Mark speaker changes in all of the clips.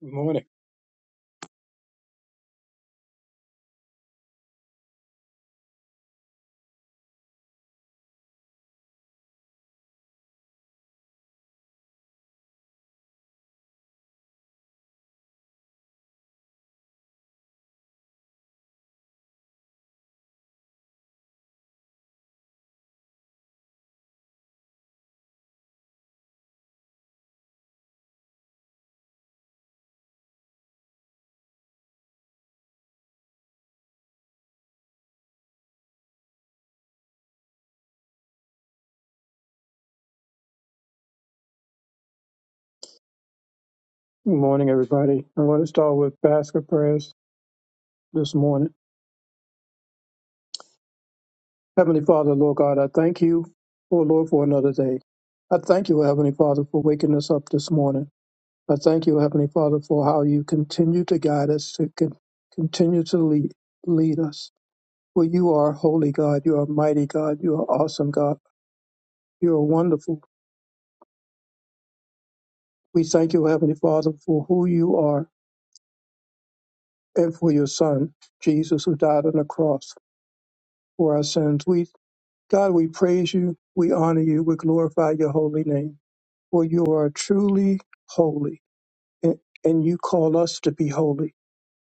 Speaker 1: Good morning. Good morning, everybody. I want to start with basket prayers this morning. Heavenly Father, Lord God, I thank you, oh Lord, for another day. I thank you, Heavenly Father, for waking us up this morning. I thank you, Heavenly Father, for how you continue to guide us, to con- continue to lead, lead us. For you are holy God, you are mighty God, you are awesome God, you are wonderful. We thank you, Heavenly Father, for who you are and for your Son, Jesus, who died on the cross for our sins. We God, we praise you, we honor you, we glorify your holy name, for you are truly holy, and, and you call us to be holy.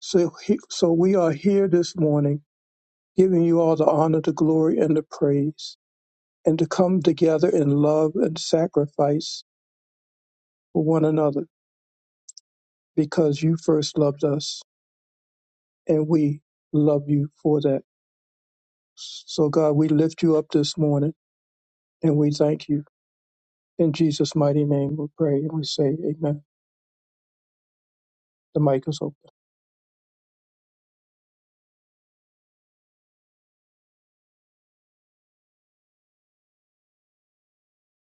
Speaker 1: So, he- so we are here this morning, giving you all the honor, the glory, and the praise, and to come together in love and sacrifice for one another, because you first loved us, and we love you for that. So, God, we lift you up this morning, and we thank you. In Jesus' mighty name, we pray and we say, Amen. The mic is open.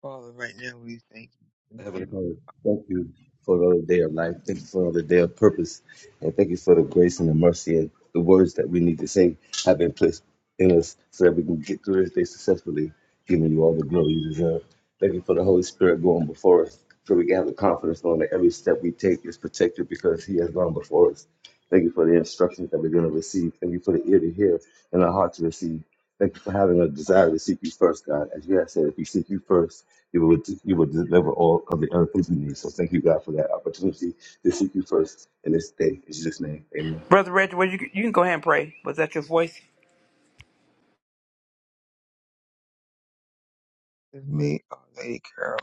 Speaker 2: Father, right now we thank you. Thank
Speaker 3: Heavenly
Speaker 2: you, Lord.
Speaker 3: Father, thank you for another day of life. Thank you for another day of purpose. And thank you for the grace and the mercy and the words that we need to say have been placed in us so that we can get through this day successfully, giving you all the glory you deserve. Thank you for the Holy Spirit going before us so we can have the confidence knowing that every step we take is protected because He has gone before us. Thank you for the instructions that we're going to receive. Thank you for the ear to hear and the heart to receive. Thank you for having a desire to seek you first, God. As you have said, if you seek you first, you will you will deliver all of the other things we need. So thank you, God, for that opportunity to seek you first in this day. In Jesus' name, amen.
Speaker 4: Brother Reggie, well, you, you can go ahead and pray. Was that your voice?
Speaker 2: God. It's me, our Lady Carol.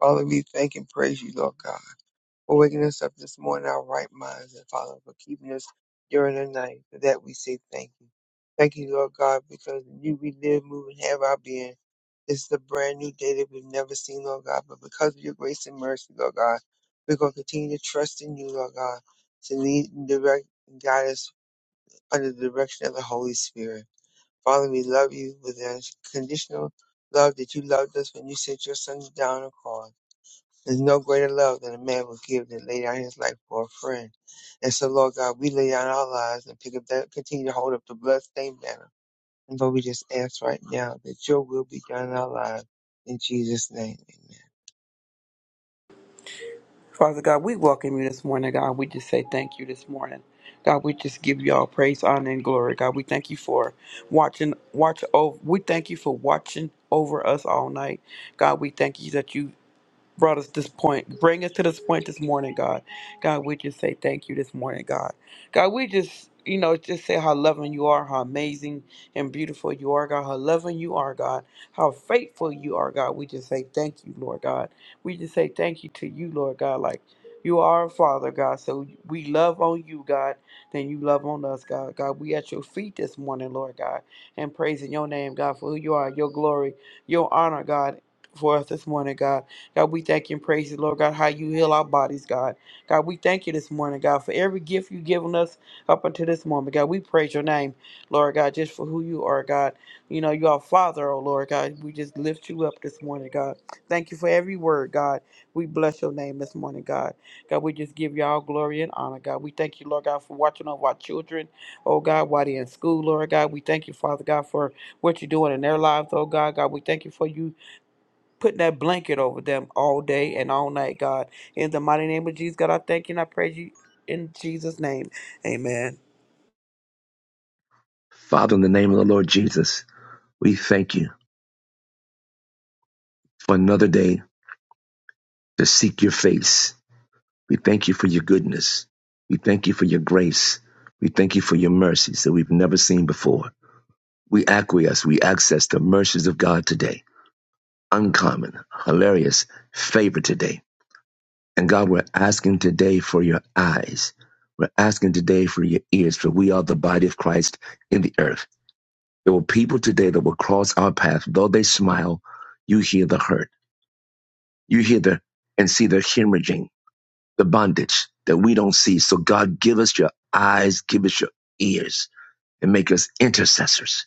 Speaker 2: Father, we thank and praise you, Lord God, for waking us up this morning, our right minds, and Father, for keeping us during the night. For that we say thank you. Thank you, Lord God, because in you we live, move, and have our being. This is a brand new day that we've never seen, Lord God, but because of your grace and mercy, Lord God, we're going to continue to trust in you, Lord God, to lead and direct and guide us under the direction of the Holy Spirit. Father, we love you with an unconditional love that you loved us when you sent your son down on cross. There's no greater love than a man would give than lay down his life for a friend. And so, Lord God, we lay down our lives and pick up that, continue to hold up the bloodstained banner. And Lord, we just ask right now that your will be done in our lives. In Jesus' name, amen.
Speaker 4: Father God, we welcome you this morning, God. We just say thank you this morning. God, we just give you all praise, honor, and glory. God, we thank you for watching, watch over. We thank you for watching over us all night. God, we thank you that you brought us this point. Bring us to this point this morning, God. God, we just say thank you this morning, God. God, we just, you know, just say how loving you are, how amazing and beautiful you are, God. How loving you are, God. How faithful you are, God. We just say thank you, Lord God. We just say thank you to you, Lord God. Like you are our Father, God. So we love on you, God. Then you love on us, God. God, we at your feet this morning, Lord God, and praising your name, God, for who you are, your glory, your honor, God, for us this morning, God. God, we thank you and praise you, Lord God, how you heal our bodies, God. God, we thank you this morning, God, for every gift you've given us up until this moment. God, we praise your name, Lord God, just for who you are, God. You know, you are Father, oh Lord God. We just lift you up this morning, God. Thank you for every word, God. We bless your name this morning, God. God, we just give you all glory and honor, God. We thank you, Lord God, for watching over our children, oh God, while they're in school, Lord God. We thank you, Father God, for what you're doing in their lives, oh God. God, we thank you for you putting that blanket over them all day and all night, God. In the mighty name of Jesus, God, I thank you and I praise you in Jesus' name. Amen.
Speaker 5: Father, in the name of the Lord Jesus, we thank you for another day to seek your face. We thank you for your goodness. We thank you for your grace. We thank you for your mercies that we've never seen before. We acquiesce, we access the mercies of God today. Uncommon, hilarious favor today. And God, we're asking today for your eyes. We're asking today for your ears, for we are the body of Christ in the earth. There were people today that will cross our path, though they smile, you hear the hurt You hear the and see the hemorrhaging, the bondage that we don't see. So God, give us your eyes, give us your ears, and make us intercessors.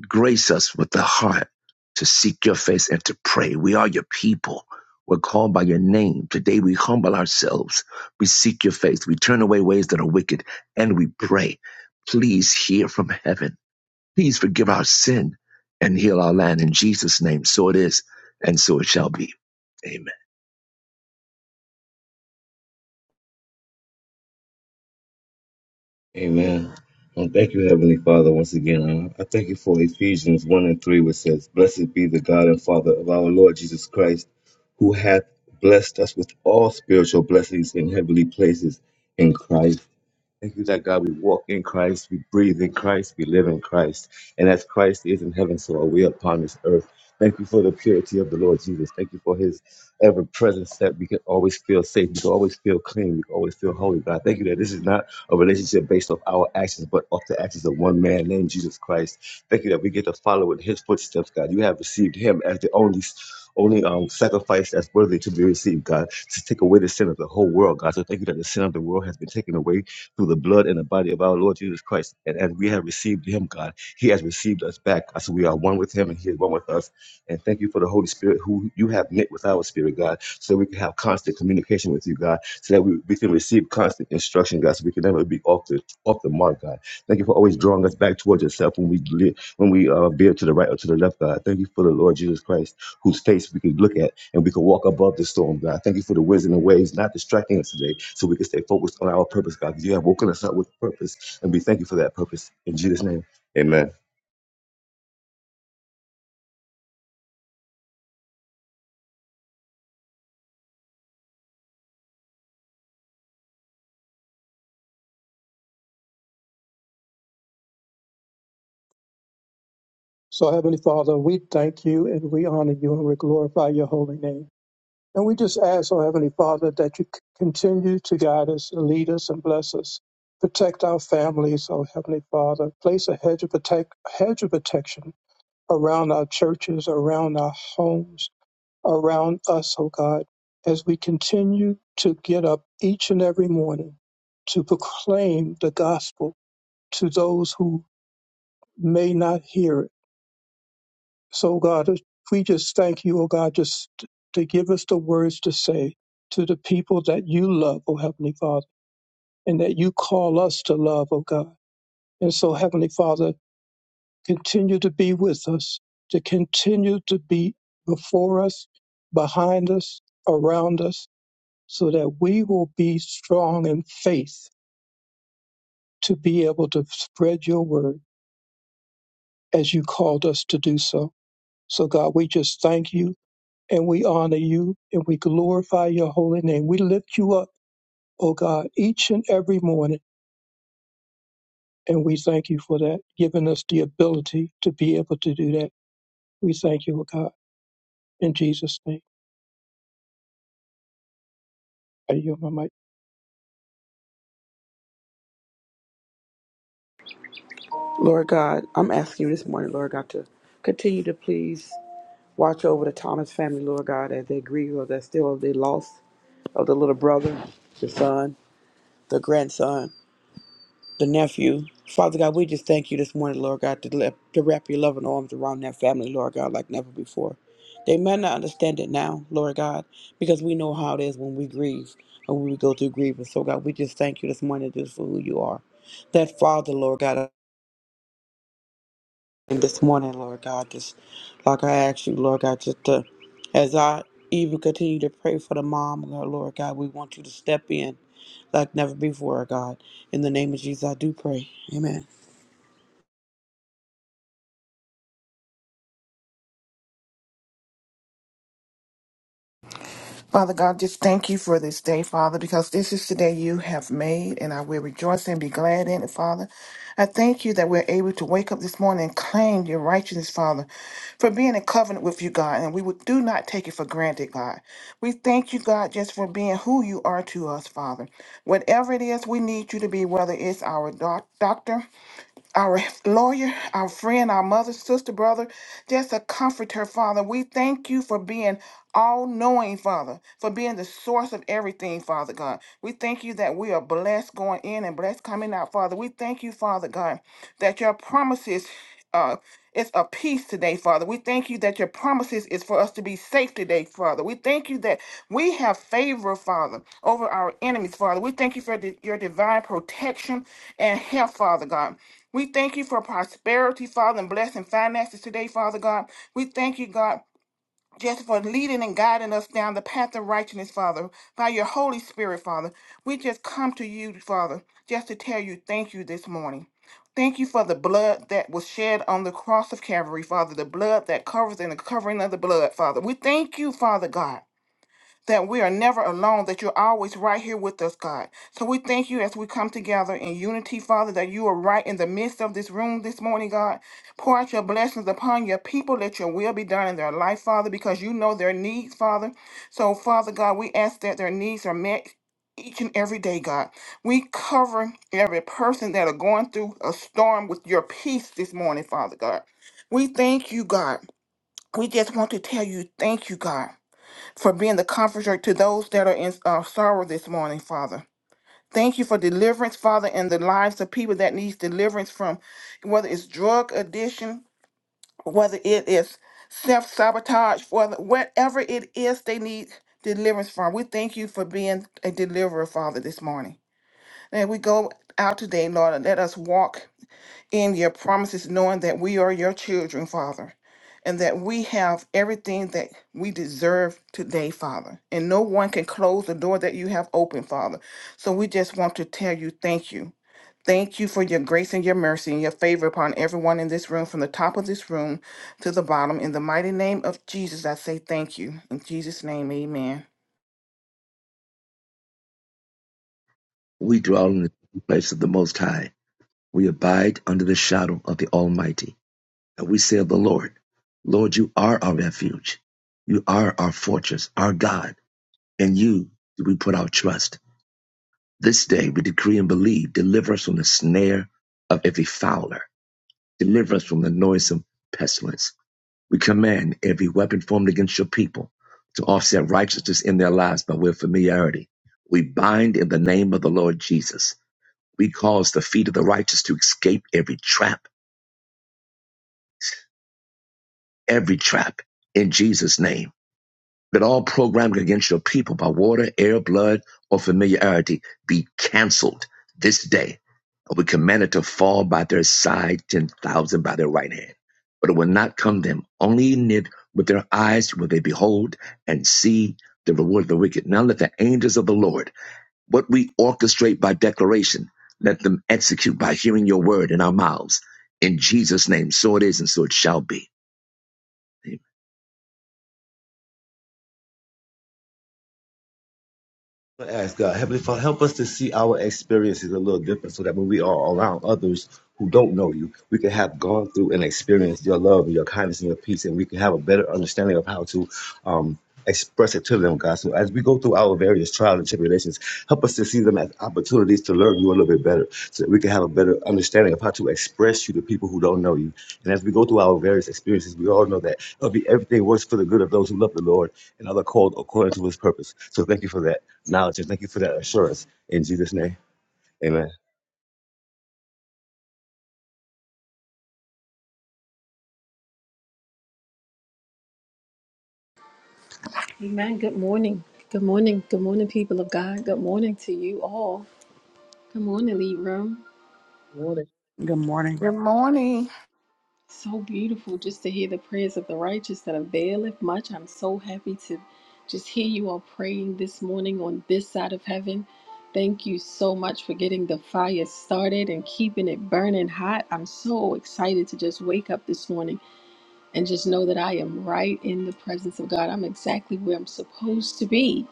Speaker 5: Grace us with the heart to seek your face and to pray. We are your people. We're called by your name. Today we humble ourselves. We seek your face. We turn away ways that are wicked and we pray. Please hear from heaven. Please forgive our sin and heal our land in Jesus' name. So it is, and so it shall be. Amen.
Speaker 3: Amen. Well, thank you, Heavenly Father, once again. Uh, I thank you for Ephesians 1 and 3, which says, Blessed be the God and Father of our Lord Jesus Christ, who hath blessed us with all spiritual blessings in heavenly places in Christ Thank you that God, we walk in Christ, we breathe in Christ, we live in Christ. And as Christ is in heaven, so are we upon this earth. Thank you for the purity of the Lord Jesus. Thank you for his ever presence that we can always feel safe. We can always feel clean. We can always feel holy. God, thank you that this is not a relationship based off our actions, but off the actions of one man named Jesus Christ. Thank you that we get to follow in his footsteps, God. You have received him as the only only um, sacrifice that's worthy to be received, God, to take away the sin of the whole world, God. So thank you that the sin of the world has been taken away through the blood and the body of our Lord Jesus Christ. And as we have received him, God, he has received us back. So we are one with him and he is one with us. And thank you for the Holy Spirit who you have knit with our spirit, God, so we can have constant communication with you, God, so that we, we can receive constant instruction, God, so we can never be off the off the mark, God. Thank you for always drawing us back towards yourself when we live, when we uh, veer to the right or to the left, God. Thank you for the Lord Jesus Christ, whose face we can look at and we can walk above the storm, God. Thank you for the winds and the waves not distracting us today so we can stay focused on our purpose, God. You have woken us up with purpose, and we thank you for that purpose. In Jesus' name, amen.
Speaker 1: So, Heavenly Father, we thank you and we honor you and we glorify your holy name. And we just ask, oh Heavenly Father, that you c- continue to guide us, and lead us, and bless us. Protect our families, oh Heavenly Father. Place a hedge of, protect, hedge of protection around our churches, around our homes, around us, oh God, as we continue to get up each and every morning to proclaim the gospel to those who may not hear it So, God, uh, we just thank you, oh God, just to give us the words to say to the people that you love, oh Heavenly Father, and that you call us to love, oh God. And so, Heavenly Father, continue to be with us, to continue to be before us, behind us, around us, so that we will be strong in faith to be able to spread your word as you called us to do so. So, God, we just thank you and we honor you and we glorify your holy name. We lift you up, O God, each and every morning, and we thank you for that, giving us the ability to be able to do that. We thank you, O God, in Jesus' name. I yield my mic.
Speaker 4: Lord God, I'm asking you this morning, Lord God, to continue to please watch over the Thomas family, Lord God, as they grieve or they're still they lost of the little brother, the son, the grandson. the nephew. Father God, we just thank you this morning, Lord God, to, le- to wrap your loving arms around that family, Lord God, like never before. They may not understand it now, Lord God, because we know how it is when we grieve and when we go through grievance. So, God, we just thank you this morning just for who you are. That Father, Lord God, and this morning, Lord God, just like I asked you, Lord God, just to, as I even continue to pray for the mom, Lord God, we want you to step in like never before, God. In the name of Jesus, I do pray. Amen.
Speaker 6: Father God, just thank you for this day, Father, because this is the day you have made, and I will rejoice and be glad in it, Father. I thank you that we're able to wake up this morning and claim your righteousness, Father, for being in covenant with you, God, and we would do not take it for granted, God. We thank you, God, just for being who you are to us, Father. Whatever it is we need you to be, whether it's our doc- doctor, our lawyer, our friend, our mother, sister, brother, just a comforter, Father. We thank you for being all knowing, Father, for being the source of everything, Father God. We thank you that we are blessed going in and blessed coming out, Father. We thank you, Father God, that your promises. Uh, it's a peace today, Father. We thank you that your promises is for us to be safe today, Father. We thank you that we have favor, Father, over our enemies, Father. We thank you for the, your divine protection and help, Father God. We thank you for prosperity, Father, and blessing finances today, Father God. We thank you, God. Just for leading and guiding us down the path of righteousness, Father, by your Holy Spirit, Father. We just come to you, Father, just to tell you thank you this morning. Thank you for the blood that was shed on the cross of Calvary, Father, the blood that covers and the covering of the blood, Father. We thank you, Father God that we are never alone, that you're always right here with us, God. So we thank you as we come together in unity, Father, that you are right in the midst of this room this morning, God. Pour out your blessings upon your people. Let your will be done in their life, Father, because you know their needs, Father. So, Father God, we ask that their needs are met each and every day, God. We cover every person that are going through a storm with your peace this morning, Father God. We thank you, God. We just want to tell you, thank you, God for being the comforter to those that are in uh, sorrow this morning, Father. Thank you for deliverance, Father, in the lives of people that needs deliverance from whether it's drug addiction, whether it is self sabotage, whether whatever it is they need deliverance from. We thank you for being a deliverer, Father, this morning. And we go out today, Lord, and let us walk in your promises, knowing that we are your children, Father, and that we have everything that we deserve today, Father. And no one can close the door that you have opened, Father. So we just want to tell you thank you. Thank you for your grace and your mercy and your favor upon everyone in this room, from the top of this room to the bottom. In the mighty name of Jesus, I say thank you. In Jesus' name, amen.
Speaker 5: We dwell in the place of the Most High. We abide under the shadow of the Almighty. And we say of the Lord, Lord, you are our refuge. You are our fortress, our God. In you do we put our trust. This day we decree and believe, deliver us from the snare of every fowler. Deliver us from the noisome pestilence. We command every weapon formed against your people to offset righteousness in their lives by way of familiarity. We bind in the name of the Lord Jesus We cause the feet of the righteous to escape every trap, every trap in Jesus' name. That all programming against your people by water, air, blood, or familiarity be canceled this day. And we command it to fall by their side, 10,000 by their right hand. But it will not come them. Only in it with their eyes will they behold and see the reward of the wicked. Now let the angels of the Lord What we orchestrate by declaration, let them execute by hearing your word in our mouths. In Jesus' name, so it is and so it shall be. Amen.
Speaker 3: I ask God, Heavenly Father, help us to see our experiences a little different so that when we are around others who don't know you, we can have gone through and experienced your love and your kindness and your peace, and we can have a better understanding of how to um, express it to them, God. So as we go through our various trials and tribulations, help us. to see them as opportunities to learn you a little bit better so that we can have a better understanding of how to express you to people who don't know you. And as we go through our various experiences, we all know that it'll be, everything works for the good of those who love the Lord and are called according to his purpose. So thank you for that knowledge and thank you for that assurance. In Jesus' name, amen.
Speaker 7: Amen. Good morning. Good morning. Good morning, people of God. Good morning to you all. Good morning, Lead Room.
Speaker 1: Morning.
Speaker 4: Good morning.
Speaker 6: Good morning.
Speaker 7: So beautiful just to hear the prayers of the righteous that availeth much. I'm so happy to just hear you all praying this morning on this side of heaven. Thank you so much for getting the fire started and keeping it burning hot. I'm so excited to just wake up this morning and just know that I am right in the presence of God. I'm exactly where I'm supposed to be.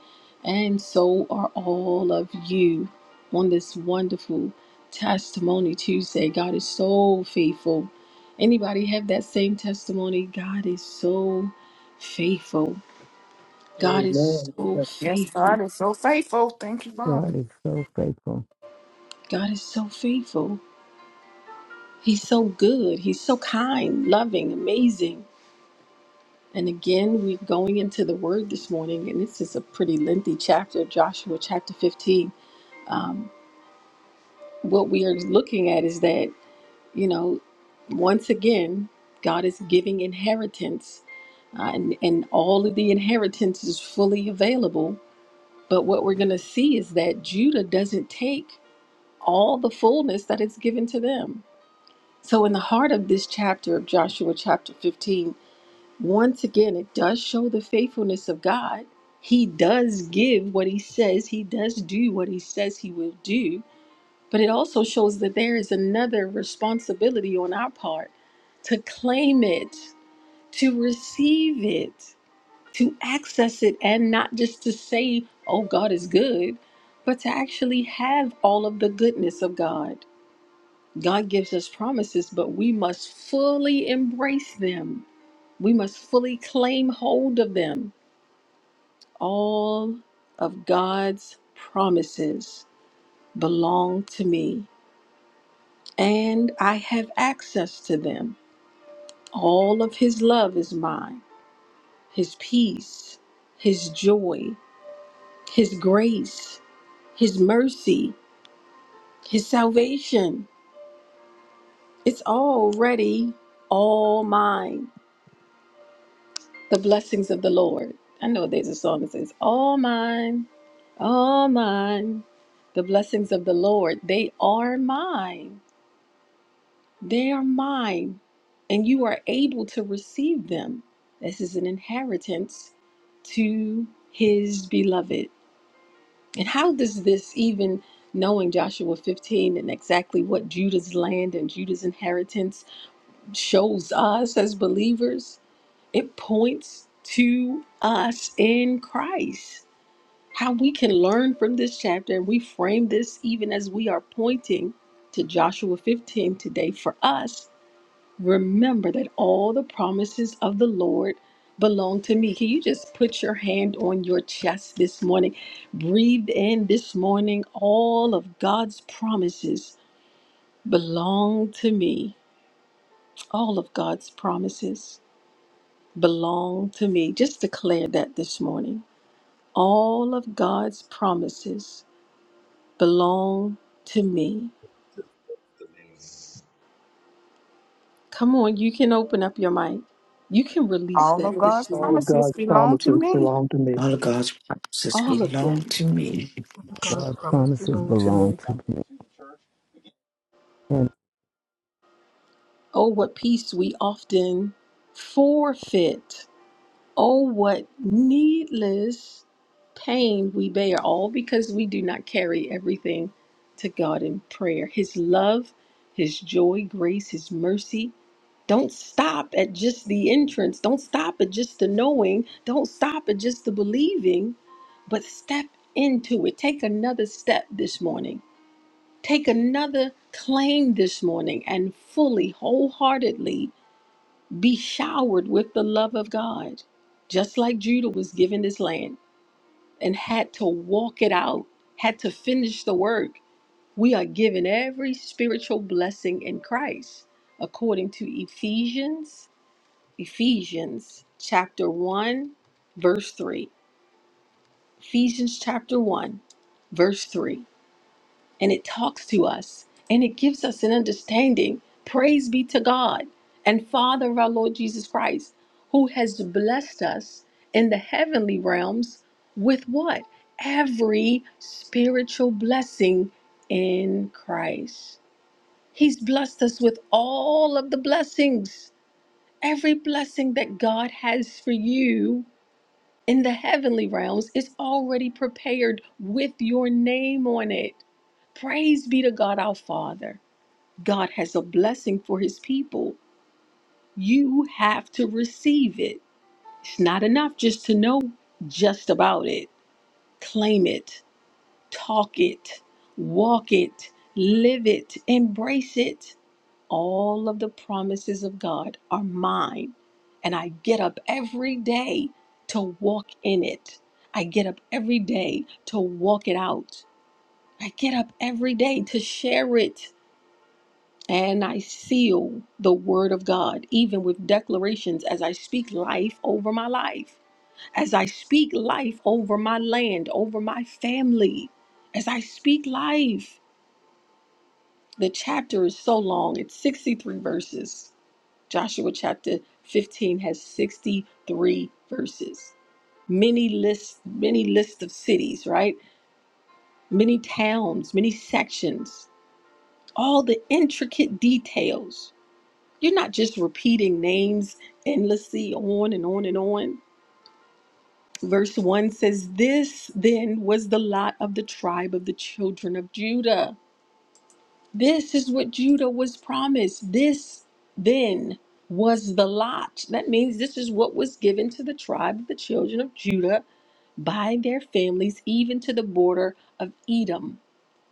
Speaker 7: And so are all of you on this wonderful Testimony Tuesday. God is so faithful. Anybody have that same testimony? God is so faithful. God is
Speaker 1: Amen.
Speaker 7: so
Speaker 6: Yes,
Speaker 7: faithful.
Speaker 6: God is so faithful. Thank you,
Speaker 8: God
Speaker 6: Father.
Speaker 8: is so faithful.
Speaker 7: God is so faithful. He's so good. He's so kind, loving, amazing. And again, we're going into the word this morning, and this is a pretty lengthy chapter, Joshua chapter 15. What we are looking at is that, you know, once again, God is giving inheritance, uh, and, and all of the inheritance is fully available. But what we're going to see is that Judah doesn't take all the fullness that is given to them. So, in the heart of this chapter of Joshua chapter 15, Once again, it does show the faithfulness of God. He does give what he says, he does do what he says he will do. But it also shows that there is another responsibility on our part to claim it, to receive it, to access it, and not just to say, oh, God is good, but to actually have all of the goodness of God. God gives us promises, but we must fully embrace them we must fully claim hold of them. All of God's promises belong to me, and I have access to them. All of His love is mine, His peace, His joy, His grace, His mercy, His salvation. It's already all mine. The blessings of the Lord. I know there's a song that says, All mine, all mine. The blessings of the Lord, they are mine. They are mine. And you are able to receive them. This is an inheritance to his beloved. And how does this even knowing Joshua 15 and exactly what Judah's land and Judah's inheritance shows us as believers? It points to us in Christ. How we can learn from this chapter and we frame this even as we are pointing to Joshua 15 today for us. Remember that all the promises of the Lord belong to me. Can you just put your hand on your chest this morning? Breathe in this morning. All of God's promises belong to me. All of God's promises. belong to me. Just declare that this morning. All of God's promises belong to me. Come on, you can open up your mic. You can release
Speaker 6: All of
Speaker 7: that
Speaker 6: God's
Speaker 7: this
Speaker 1: All
Speaker 7: morning.
Speaker 1: of
Speaker 6: promises
Speaker 1: God's
Speaker 6: belong to
Speaker 1: promises
Speaker 6: me.
Speaker 1: belong to me.
Speaker 9: All of God's promises
Speaker 7: All of
Speaker 9: belong
Speaker 7: them.
Speaker 9: to me.
Speaker 10: God's
Speaker 8: God's
Speaker 10: promise
Speaker 8: promises
Speaker 10: belongs to me.
Speaker 8: belong to me.
Speaker 7: Oh, what peace we often forfeit Oh, what needless pain we bear, all because we do not carry everything to God in prayer. His love, His joy, grace, His mercy. Don't stop at just the entrance. Don't stop at just the knowing. Don't stop at just the believing, but step into it. Take another step this morning. Take another claim this morning and fully, wholeheartedly be showered with the love of God, just like Judah was given this land and had to walk it out, had to finish the work. We are given every spiritual blessing in Christ, according to Ephesians, Ephesians chapter 1, verse 3. Ephesians chapter 1, verse 3. and it talks to us and it gives us an understanding. Praise be to God and Father of our Lord Jesus Christ, who has blessed us in the heavenly realms with what? Every spiritual blessing in Christ. He's blessed us with all of the blessings, every blessing that God has for you in the heavenly realms it's already prepared with your name on it. Praise be to God our Father. God has a blessing for his people. You have to receive it. It's not enough just to know just about it. Claim it, talk it, walk it, live it, embrace it. All of the promises of God are mine, and I get up every day to walk in it. I get up every day to walk it out. I get up every day to share it. And I seal the word of God, even with declarations as I speak life over my life, as I speak life over my land, over my family, as I speak life. The chapter is so long, it's 63 verses Joshua chapter 15 has 63 verses. Many lists, many lists of cities, right? Many towns, many sections, all the intricate details. You're not just repeating names endlessly on and on and on. Verse 1 says, This then was the lot of the tribe of the children of Judah. This is what Judah was promised. This then was the lot. That means this is what was given to the tribe of the children of Judah by their families, even to the border of Edom,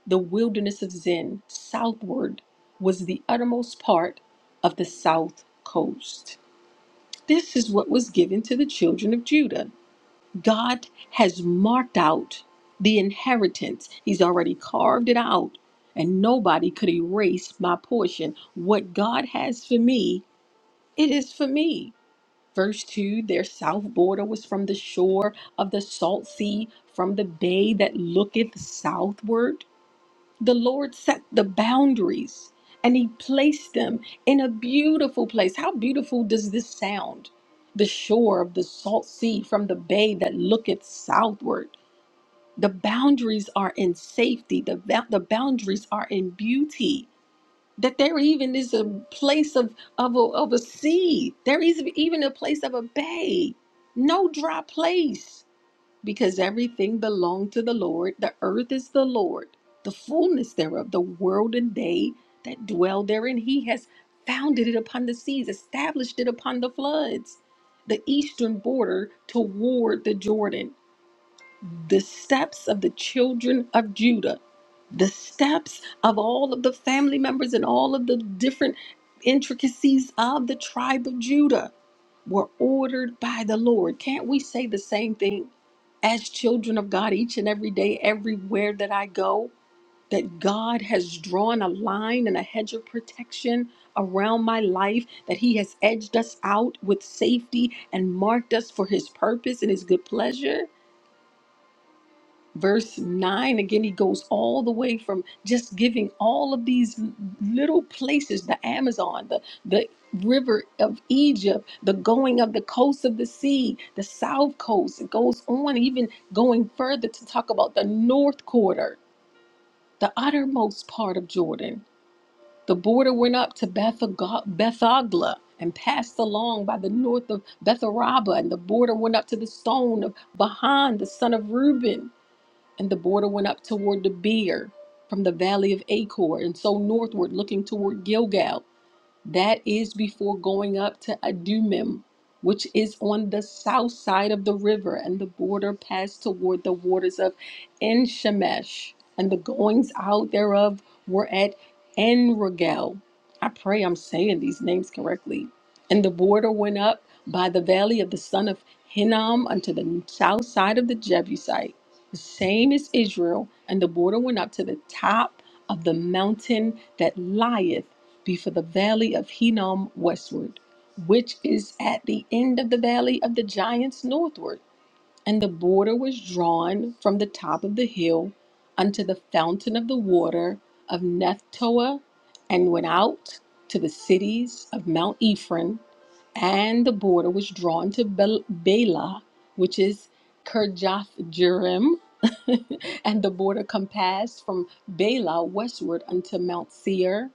Speaker 7: the wilderness of Zin, southward was the uttermost part of the south coast. This is what was given to the children of Judah. God has marked out the inheritance. He's already carved it out, and nobody could erase my portion. What God has for me, it is for me. Verse 2 Their south border was from the shore of the salt sea, from the bay that looketh southward the Lord set the boundaries and He placed them in a beautiful place. How beautiful does this sound? The shore of the salt sea from the bay that looketh southward. The boundaries are in safety, the, ba- the boundaries are in beauty. That there even is a place of, of, a, of a sea, there is even a place of a bay, no dry place because everything belonged to the Lord. The earth is the Lord, the fullness thereof, the world and they that dwell therein. He has founded it upon the seas, established it upon the floods, the eastern border toward the Jordan the steps of the children of Judah, the steps of all of the family members and all of the different intricacies of the tribe of Judah were ordered by the Lord. Can't we say the same thing as children of God each and every day, everywhere that I go? That God has drawn a line and a hedge of protection around my life, that He has edged us out with safety and marked us for His purpose and His good pleasure verse 9 again he goes all the way from just giving all of these little places the amazon the the river of egypt the going of the coast of the sea the south coast it goes on even going further to talk about the north quarter the uttermost part of jordan the border went up to Bethag- bethagla and passed along by the north of betharaba and the border went up to the stone of bahan the son of reuben and the border went up toward the Beer from the valley of Achor, and so northward, looking toward Gilgal. That is before going up to Adumim, which is on the south side of the river, and the border passed toward the waters of En Shemesh, and the goings out thereof were at En Rogel. I pray I'm saying these names correctly. And the border went up by the valley of the son of Hinnom unto the south side of the Jebusite. The same is Israel, and the border went up to the top of the mountain that lieth be for the valley of Hinnom westward, which is at the end of the valley of the giants northward. And the border was drawn from the top of the hill unto the fountain of the water of Nephtoah, and went out to the cities of Mount Ephraim. And the border was drawn to Bel- Bela, which is Kirjath Jearim, and the border compassed from Bela westward unto Mount Seir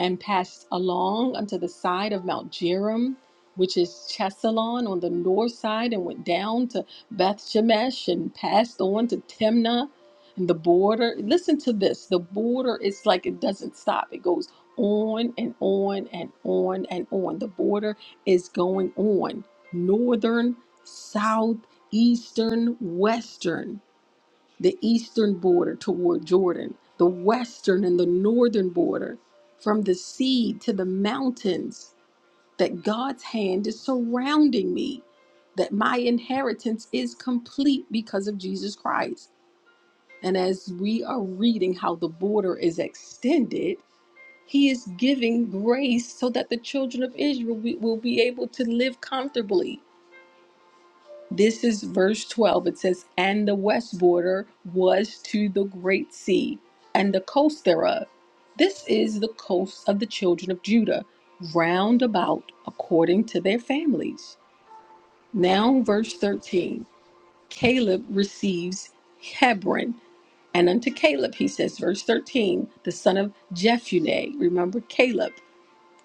Speaker 7: and passed along unto the side of Mount Jearim, which is Chesalon on the north side, and went down to Beth Shemesh and passed on to Timnah and the border. Listen to this the border is like it doesn't stop, it goes on and on and on and on. The border is going on northern, south, eastern, western the eastern border toward Jordan, the western and the northern border, from the sea to the mountains, that God's hand is surrounding me, that my inheritance is complete because of Jesus Christ. And as we are reading how the border is extended, he is giving grace so that the children of Israel be- will be able to live comfortably this is verse 12. It says, And the west border was to the great sea, and the coast thereof. This is the coast of the children of Judah, round about according to their families. Now, verse 13 Caleb receives Hebron. And unto Caleb, he says, verse 13, the son of Jephunneh. Remember Caleb.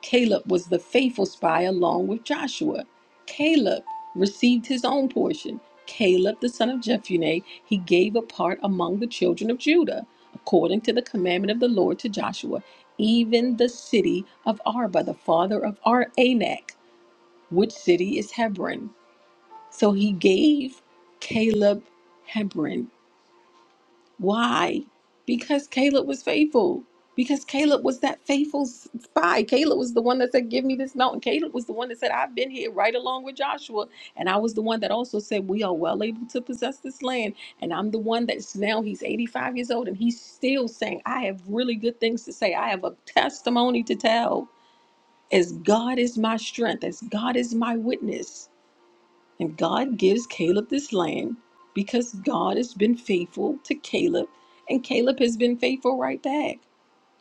Speaker 7: Caleb was the faithful spy along with Joshua. Caleb received his own portion. Caleb, the son of Jephunneh, he gave a part among the children of Judah, according to the commandment of the Lord to Joshua, even the city of Arba, the father of Ar- Anak, which city is Hebron. So he gave Caleb Hebron why? Because Caleb was faithful. Because Caleb was that faithful s- spy. Caleb was the one that said, Give me this mountain. Caleb was the one that said, I've been here right along with Joshua. And I was the one that also said, We are well able to possess this land. And I'm the one that's now he's 85 years old and he's still saying, I have really good things to say. I have a testimony to tell. As God is my strength, as God is my witness. And God gives Caleb this land because God has been faithful to Caleb, and Caleb has been faithful right back.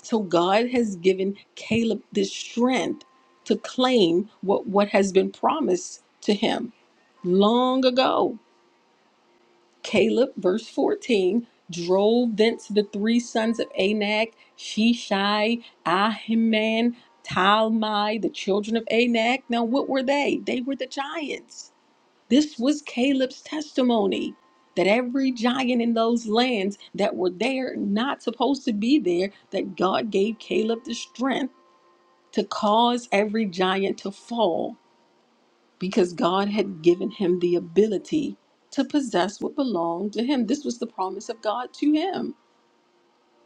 Speaker 7: So God has given Caleb this strength to claim what, what has been promised to him long ago. Caleb, verse 14, drove thence the three sons of Anak, Shishai, Ahiman, Talmai, the children of Anak. Now, what were they? They were the giants this was Caleb's testimony that every giant in those lands that were there, not supposed to be there, that God gave Caleb the strength to cause every giant to fall because God had given him the ability to possess what belonged to him. This was the promise of God to him.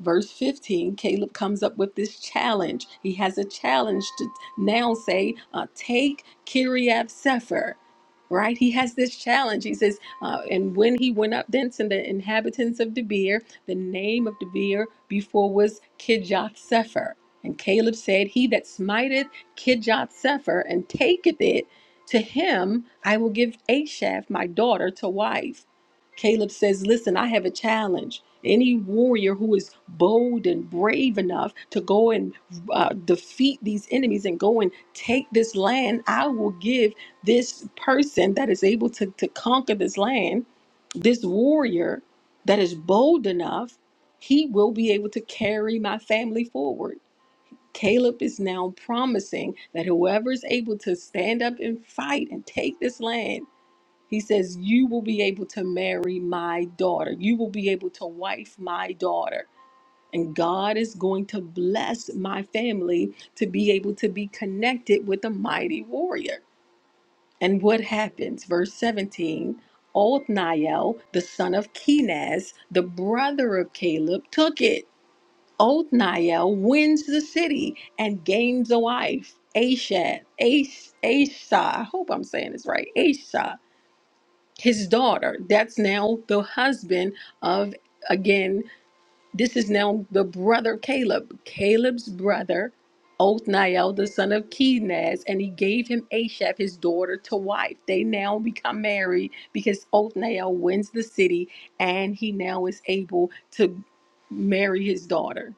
Speaker 7: Verse 15, Caleb comes up with this challenge. He has a challenge to now say, uh, Take Kiriath Sefer. Right? He has this challenge. He says, uh, And when he went up thence in the inhabitants of Debir, the name of Debir before was Kijath Sefer. And Caleb said, He that smiteth Kijath Sefer and taketh it, to him I will give Ashaph my daughter to wife. Caleb says, Listen, I have a challenge. Any warrior who is bold and brave enough to go and uh, defeat these enemies and go and take this land, I will give this person that is able to, to conquer this land, this warrior that is bold enough, he will be able to carry my family forward. Caleb is now promising that whoever is able to stand up and fight and take this land he says, You will be able to marry my daughter. You will be able to wife my daughter. And God is going to bless my family to be able to be connected with a mighty warrior. And what happens? Verse 17 Othniel, the son of Kenaz, the brother of Caleb, took it. Othniel wins the city and gains a wife, Ashad, Ash, Ashah. I hope I'm saying this right, Ashah his daughter. That's now the husband of, again, this is now the brother Caleb, Caleb's brother, Othniel, the son of Kenaz, and he gave him Ashab, his daughter, to wife. They now become married because Othniel wins the city and he now is able to marry his daughter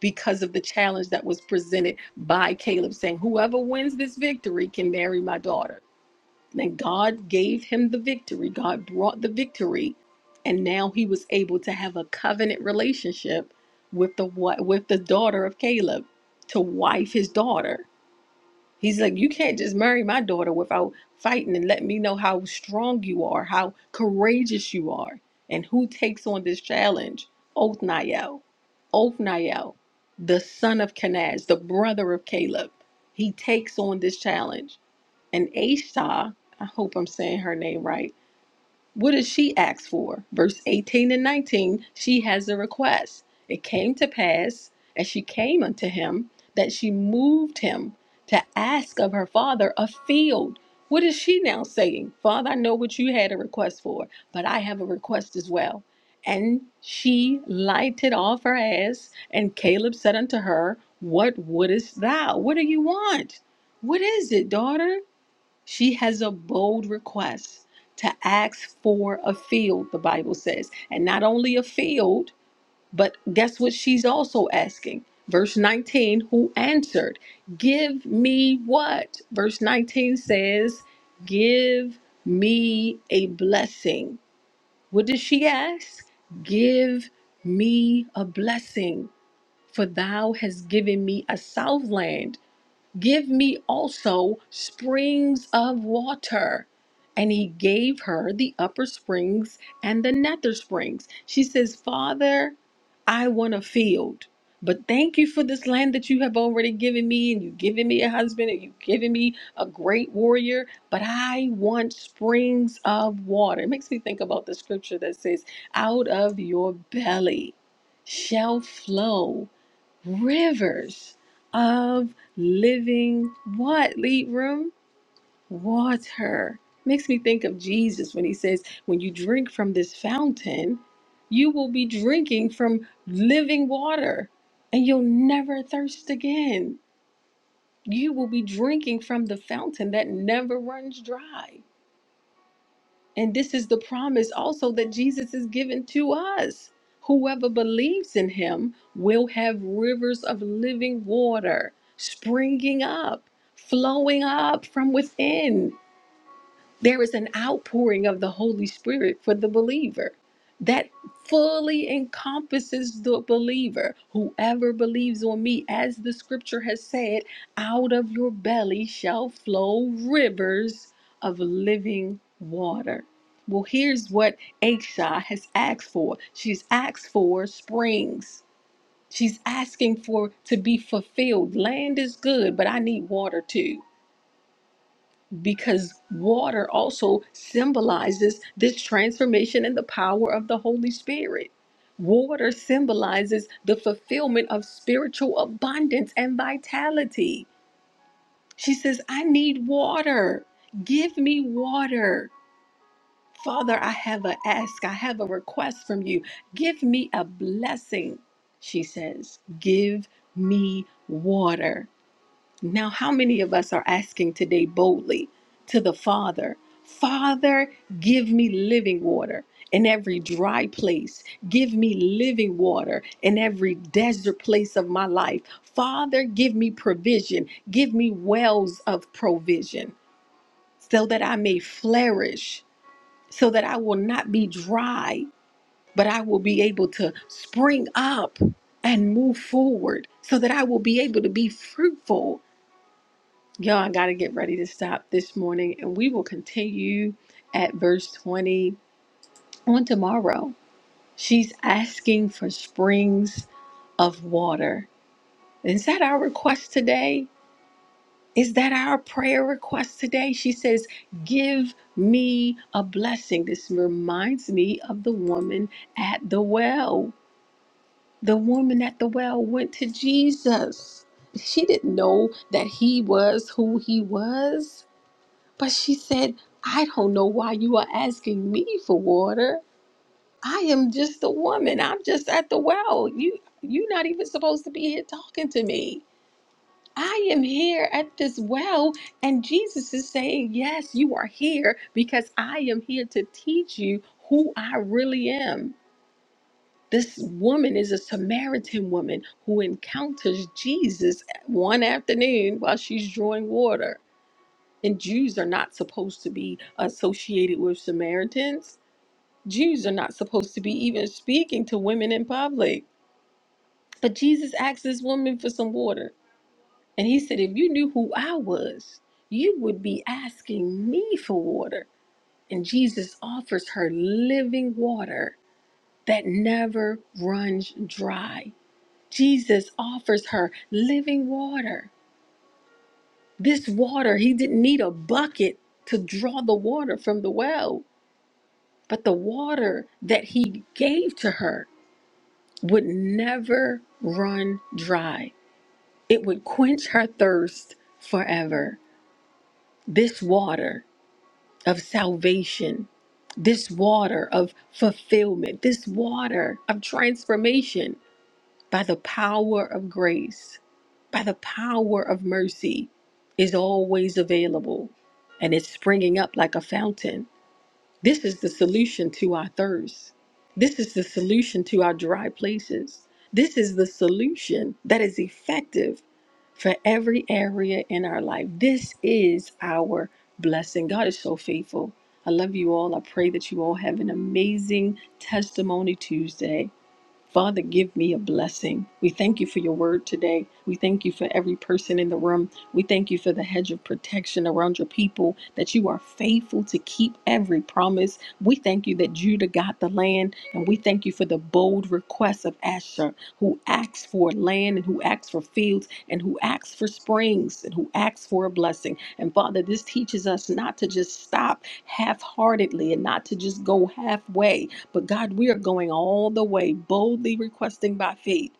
Speaker 7: because of the challenge that was presented by Caleb saying, Whoever wins this victory can marry my daughter. And God gave him the victory. God brought the victory. And now he was able to have a covenant relationship with the wa- with the daughter of Caleb to wife his daughter. He's like, you can't just marry my daughter without fighting and letting me know how strong you are, how courageous you are, and who takes on this challenge. Othniel, Othniel, the son of Kenaz, the brother of Caleb, he takes on this challenge. And Asha, I hope I'm saying her name right. What does she ask for? Verse 18 and 19, she has a request. It came to pass, as she came unto him, that she moved him to ask of her father a field. What is she now saying? Father, I know what you had a request for, but I have a request as well. And she lighted off her ass, and Caleb said unto her, What wouldest thou? What do you want? What is it, daughter? She has a bold request to ask for a field, the Bible says. And not only a field, but guess what she's also asking? Verse 19, who answered, Give me what? Verse 19 says, Give me a blessing. What does she ask? Give me a blessing, for thou hast given me a southland Give me also springs of water. And he gave her the upper springs and the nether springs. She says, Father, I want a field, but thank you for this land that you have already given me, and you've given me a husband, and you've given me a great warrior, but I want springs of water. It makes me think about the scripture that says, Out of your belly shall flow rivers of living what lead room water makes me think of jesus when he says when you drink from this fountain you will be drinking from living water and you'll never thirst again you will be drinking from the fountain that never runs dry and this is the promise also that Jesus is given to us. Whoever believes in him will have rivers of living water springing up, flowing up from within. There is an outpouring of the Holy Spirit for the believer that fully encompasses the believer. Whoever believes on me, as the scripture has said, out of your belly shall flow rivers of living water. Well, here's what Aisha has asked for. She's asked for springs. She's asking for to be fulfilled. Land is good, but I need water too because water also symbolizes this transformation and the power of the Holy Spirit. Water symbolizes the fulfillment of spiritual abundance and vitality. She says, I need water. Give me water. Father, I have a ask. I have a request from you. Give me a blessing. She says, Give me water. Now, how many of us are asking today boldly to the Father, Father, give me living water in every dry place? Give me living water in every desert place of my life. Father, give me provision. Give me wells of provision so that I may flourish, so that I will not be dry, but I will be able to spring up and move forward, so that I will be able to be fruitful Y'all, I got to get ready to stop this morning, and we will continue at verse 20 on tomorrow. She's asking for springs of water. Is that our request today? Is that our prayer request today? She says, Give me a blessing. This reminds me of the woman at the well. The woman at the well went to Jesus. She didn't know that he was who he was. But she said, I don't know why you are asking me for water. I am just a woman. I'm just at the well. You you're not even supposed to be here talking to me. I am here at this well, and Jesus is saying, Yes, you are here because I am here to teach you who I really am. This woman is a Samaritan woman who encounters Jesus one afternoon while she's drawing water and Jews are not supposed to be associated with Samaritans. Jews are not supposed to be even speaking to women in public. But Jesus asked this woman for some water. And he said, If you knew who I was, you would be asking me for water. And Jesus offers her living water that never runs dry. Jesus offers her living water. This water, he didn't need a bucket to draw the water from the well. But the water that he gave to her would never run dry, it would quench her thirst forever. This water of salvation, this water of fulfillment, this water of transformation by the power of grace, by the power of mercy, is always available and it's springing up like a fountain. This is the solution to our thirst. This is the solution to our dry places. This is the solution that is effective for every area in our life. This is our blessing. God is so faithful. I love you all. I pray that you all have an amazing testimony Tuesday. Father, give me a blessing. We thank you for your word today. We thank you for every person in the room. We thank you for the hedge of protection around your people, that you are faithful to keep every promise. We thank you that Judah got the land, and we thank you for the bold request of Asher, who asks for land and who asks for fields and who asks for springs and who asks for a blessing. And Father, this teaches us not to just stop half heartedly and not to just go halfway, but God, we are going all the way, boldly requesting by faith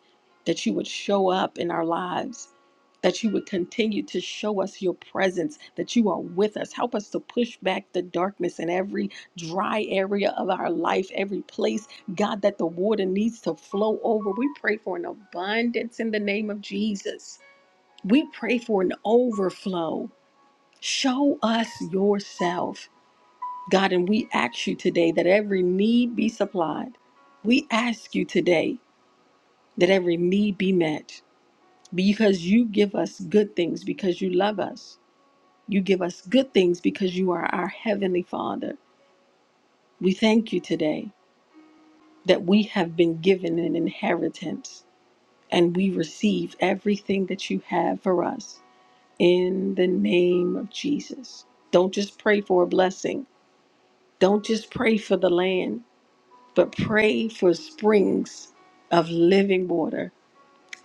Speaker 7: that you would show up in our lives, that you would continue to show us your presence, that you are with us. Help us to push back the darkness in every dry area of our life, every place, God, that the water needs to flow over. We pray for an abundance in the name of Jesus. We pray for an overflow. Show us yourself. God, and we ask you today that every need be supplied. We ask you today that every need be met because you give us good things because you love us. You give us good things because you are our Heavenly Father. We thank you today that we have been given an inheritance and we receive everything that you have for us in the name of Jesus. Don't just pray for a blessing, don't just pray for the land. but pray for springs of living water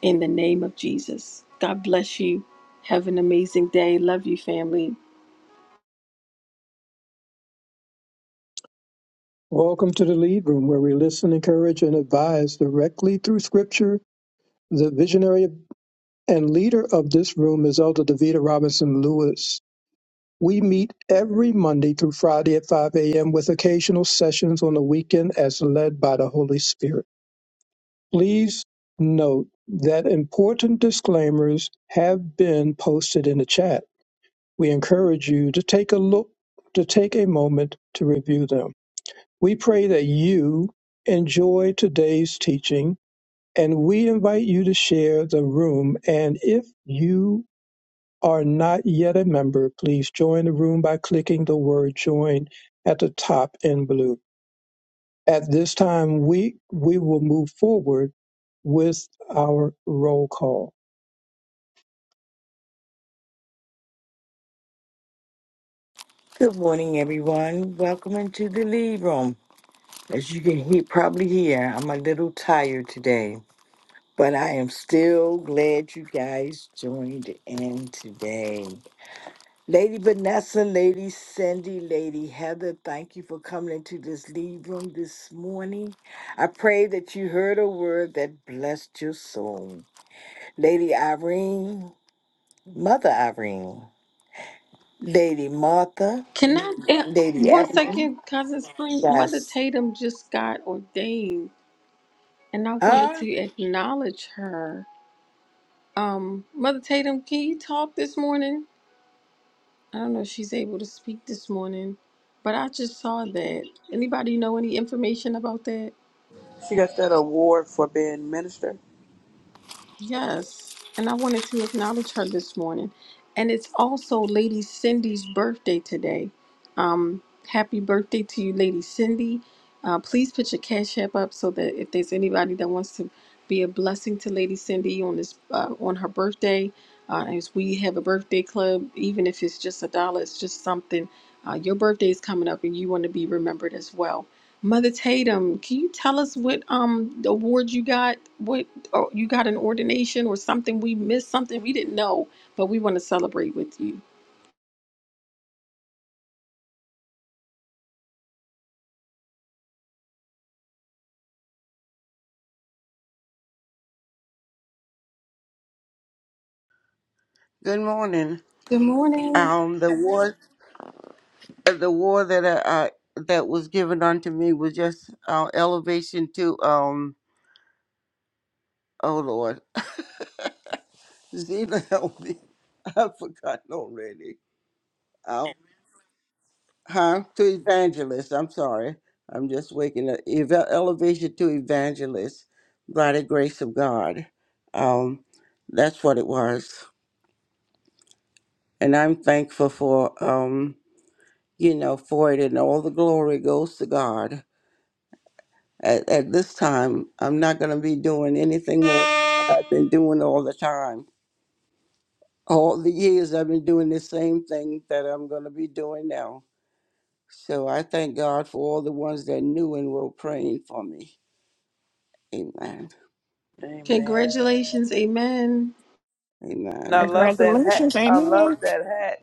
Speaker 7: in the name of Jesus. God bless you. Have an amazing day. Love you, family.
Speaker 1: Welcome to the Lead Room, where we listen, encourage, and advise directly through Scripture. The visionary and leader of this room is Elder Davita Robinson Lewis. We meet every Monday through Friday at 5 a.m. with occasional sessions on the weekend as led by the Holy Spirit. Please note that important disclaimers have been posted in the chat. We encourage you to take a look, to take a moment to review them. We pray that you enjoy today's teaching and we invite you to share the room. And if you are not yet a member, please join the room by clicking the word join at the top in blue. At this time, we, we will move forward with our roll call.
Speaker 9: Good morning, everyone. Welcome into the lead room. As you can hear, probably hear, I'm a little tired today, but I am still glad you guys joined in today. Lady Vanessa, Lady Cindy, Lady Heather, thank you for coming into this lead room this morning. I pray that you heard a word that blessed your soul. Lady Irene, Mother Irene, Lady Martha,
Speaker 7: Can I, eh,
Speaker 9: Lady
Speaker 7: one
Speaker 9: Evelyn.
Speaker 7: second, Cousin Spring, Mother
Speaker 9: Yes.
Speaker 7: Tatum just got ordained, and I wanted
Speaker 9: Huh?
Speaker 7: to acknowledge her. Um, Mother Tatum, can you talk this morning? I don't know if she's able to speak this morning, but I just saw that. Anybody know any information about that?
Speaker 4: She got that award for being minister.
Speaker 7: Yes, and I wanted to acknowledge her this morning. And it's also Lady Cindy's birthday today. Um, happy birthday to you, Lady Cindy. Uh, please put your cash app up so that if there's anybody that wants to be a blessing to Lady Cindy on this uh, on her birthday, uh, as we have a birthday club, even if it's just a dollar, it's just something. Uh, your birthday is coming up, and you want to be remembered as well. Mother Tatum, can you tell us what um the award you got? What oh, you got an ordination or something? We missed something we didn't know, but we want to celebrate with you.
Speaker 11: Good morning.
Speaker 7: Good morning.
Speaker 11: Um, the war, uh, the war that I, I that was given unto me was just uh, elevation to um. Oh Lord, Zena help me. I've forgotten already. Um, huh? To evangelist. I'm sorry. I'm just waking up. Eva elevation to evangelist by the grace of God. Um, that's what it was, and I'm thankful for um, you know, for it, and all the glory goes to God At, at this time, I'm not going to be doing anything more than what I've been doing all the time. All the years I've been doing the same thing that I'm going to be doing now. So I thank God for all the ones that knew and were praying for me. Amen.
Speaker 4: Amen.
Speaker 7: Congratulations, amen.
Speaker 4: And I
Speaker 11: Amen.
Speaker 4: love that hat.
Speaker 6: Congratulations,
Speaker 4: I love
Speaker 6: amen.
Speaker 4: that hat.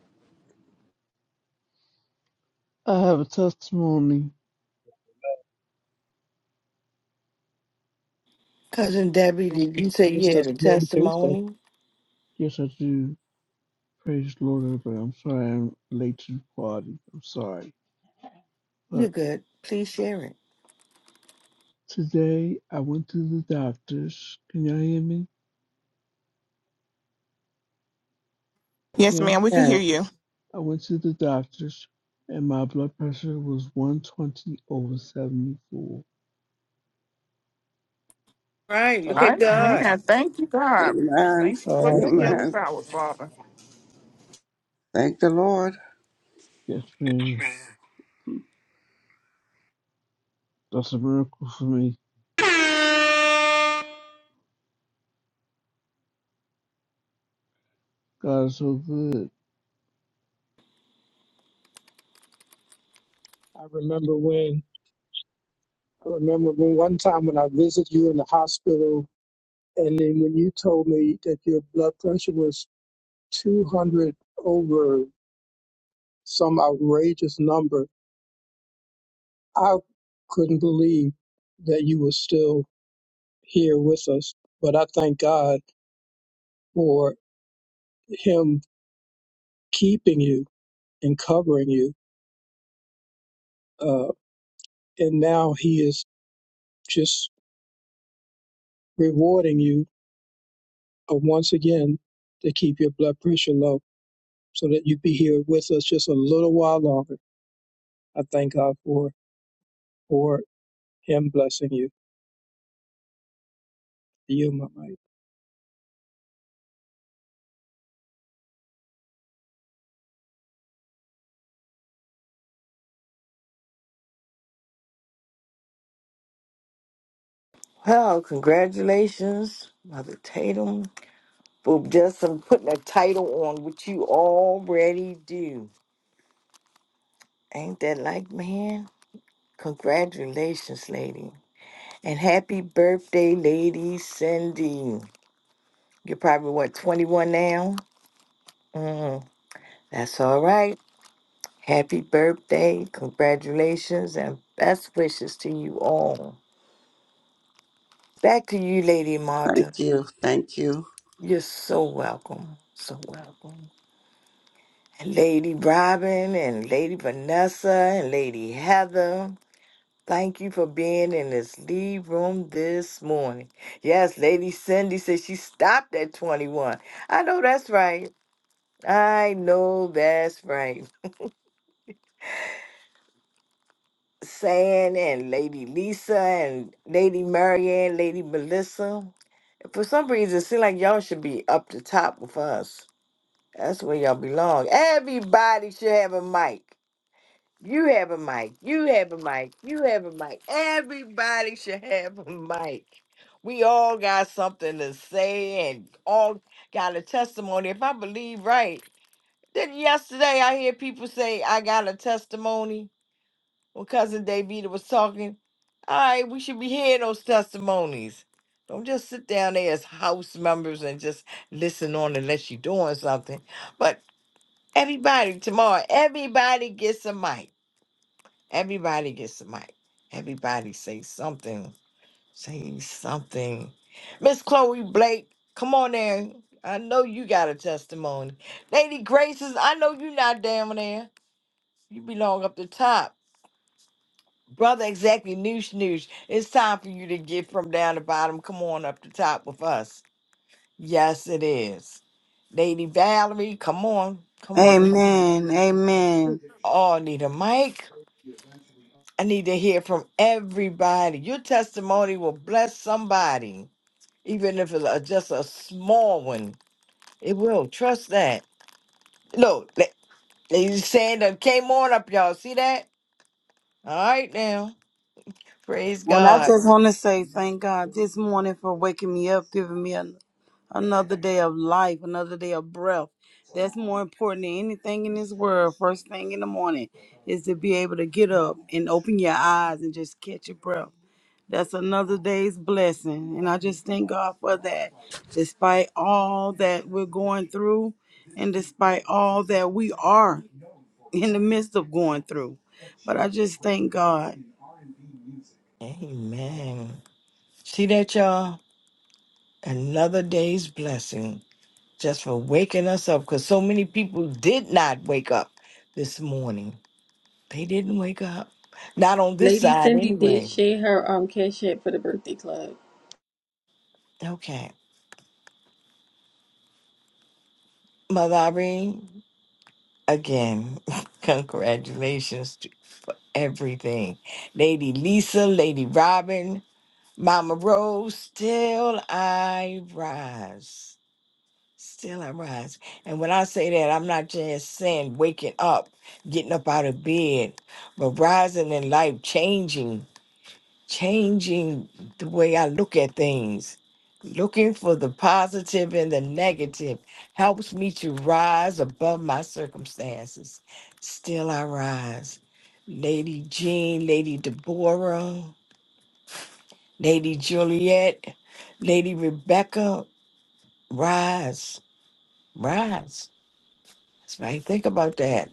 Speaker 12: I have a testimony.
Speaker 9: Cousin Debbie, did you say
Speaker 1: It's
Speaker 9: you had a
Speaker 1: Testimony Tuesday.
Speaker 9: testimony?
Speaker 12: Yes, I do. Praise the Lord, everybody. I'm sorry I'm late to the party. I'm sorry. But
Speaker 9: You're good. Please share it.
Speaker 12: today I went to the doctor's. Can y'all hear me?
Speaker 6: Yes,
Speaker 12: Yeah?
Speaker 6: ma'am, we can hear
Speaker 9: Yeah.
Speaker 6: you.
Speaker 12: I went to the doctor's and my blood pressure was 120 over 74.
Speaker 9: Right.
Speaker 1: Uh,
Speaker 9: Look
Speaker 6: All
Speaker 9: at
Speaker 6: right,
Speaker 9: God.
Speaker 6: man. Thank you, God.
Speaker 11: Amen.
Speaker 6: Thank you for your
Speaker 1: Awesome.
Speaker 6: healing
Speaker 11: Amen.
Speaker 6: power, Father.
Speaker 11: Thank the Lord.
Speaker 12: Yes, man. That's a miracle for me. God is so good.
Speaker 1: I remember when, I remember when one time when I visited you in the hospital, and then when you told me that your blood pressure was 200 over some outrageous number, I couldn't believe that you were still here with us, but I thank God for Him keeping you and covering you. Uh, and now He is just rewarding you uh, once again to keep your blood pressure low so that you'd be here with us just a little while longer. I thank God for, for Him blessing you. You, my mic.
Speaker 9: Well, congratulations, Mother Tatum, for just um, putting a title on what you already do. Ain't that like, man? Congratulations, lady. And happy birthday, Lady Cindy. You're probably, what, 21 now? Mm, that's all right. Happy birthday, congratulations, and best wishes to you all. Back to you, Lady
Speaker 11: Thank
Speaker 9: Marta.
Speaker 11: you. Thank you.
Speaker 9: You're so welcome. So welcome. And Lady Robin and Lady Vanessa and Lady Heather. Thank you for being in this lead room this morning. Yes, Lady Cindy said she stopped at 21. I know that's right. I know that's right. San and Lady Lisa and Lady Marianne, Lady Melissa. For some reason, it seems like y'all should be up the top with us. That's where y'all belong. Everybody should have a mic. You have a mic. You have a mic. You have a mic. Everybody should have a mic. We all got something to say and all got a testimony. If I believe right, then yesterday I hear people say, I got a testimony when cousin Davita was talking. All right, we should be hearing those testimonies. Don't just sit down there as house members and just listen on unless you're doing something. But everybody tomorrow, everybody gets a mic. Everybody gets a mic. Everybody say something. Say something. Miss Chloe Blake, come on there. I know you got a testimony. Lady Graces, I know you not down there. You belong up the top. Brother, exactly. Noosh, noosh. It's time for you to get from down the bottom. Come on up the top with us. Yes, it is. Lady Valerie, come on. Come on. You
Speaker 13: Amen. Amen.
Speaker 9: all need a mic. I need to hear from everybody. Your testimony will bless somebody, even if it's a- just a small one. It will. Trust that. Look, la- Lady Sandra came on up, y'all. See that? All right, now. Praise
Speaker 13: Well, I
Speaker 9: God.
Speaker 13: just want to say thank God this morning for waking me up, giving me an, another day of life, another day of breath. That's more important than anything in this world. First thing in the morning is to be able to get up and open your eyes and just catch your breath. That's another day's blessing. And I just thank God for that. Despite all that we're going through and despite all that we are in the midst of going through. But I just thank God.
Speaker 9: Amen. See that, y'all? Another day's blessing just for waking us up because so many people did not wake up this morning. They didn't wake up. Not on this
Speaker 7: Lady
Speaker 9: side,
Speaker 7: Cindy did
Speaker 9: anyway.
Speaker 7: share her um cash app for the birthday club.
Speaker 9: Okay. Mother Irene, again, congratulations to, for everything. Lady Lisa, Lady Robin, Mama Rose, still I rise. Still I rise. And when I say that, I'm not just saying waking up, getting up out of bed, but rising in life, changing, changing the way I look at things. Looking for the positive and the negative helps me to rise above my circumstances. Still I rise. Lady Jean, Lady Deborah, Lady Juliet, Lady Rebecca, rise, rise. It's right. Think about that.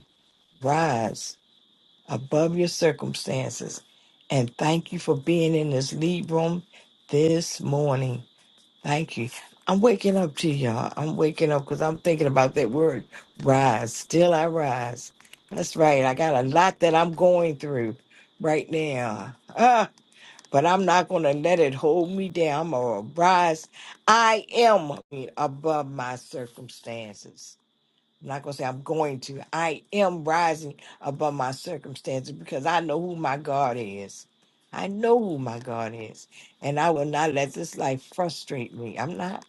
Speaker 9: Rise above your circumstances. And thank you for being in this lead room this morning. Thank you. I'm waking up to y'all. I'm waking up because I'm thinking about that word rise. Still I rise. That's right. I got a lot that I'm going through right now. Ah, but I'm not going to let it hold me down. I'm going to rise. I am above my circumstances. I'm not gonna say, I'm going to. I am rising above my circumstances because I know who my God is. I know who my God is. And I will not let this life frustrate me. I'm not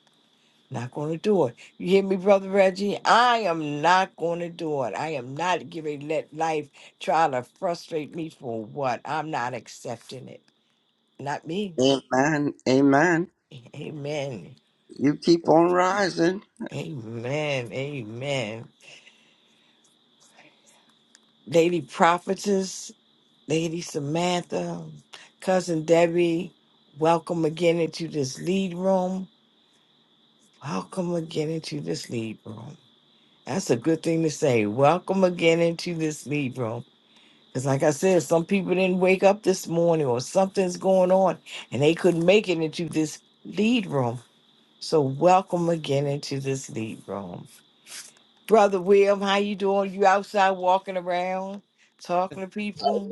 Speaker 9: not going to do it. You hear me, Brother Reggie? I am not going to do it. I am not giving let life try to frustrate me for what? I'm not accepting it. Not me.
Speaker 11: Amen. Amen.
Speaker 9: Amen.
Speaker 11: You keep on rising.
Speaker 9: Amen. Amen. Lady prophetess. Lady Samantha, Cousin Debbie, welcome again into this lead room. Welcome again into this lead room. That's a good thing to say. Welcome again into this lead room. Because, like I said, some people didn't wake up this morning or something's going on and they couldn't make it into this lead room. So, welcome again into this lead room. Brother William, how you doing? You outside walking around, talking to people?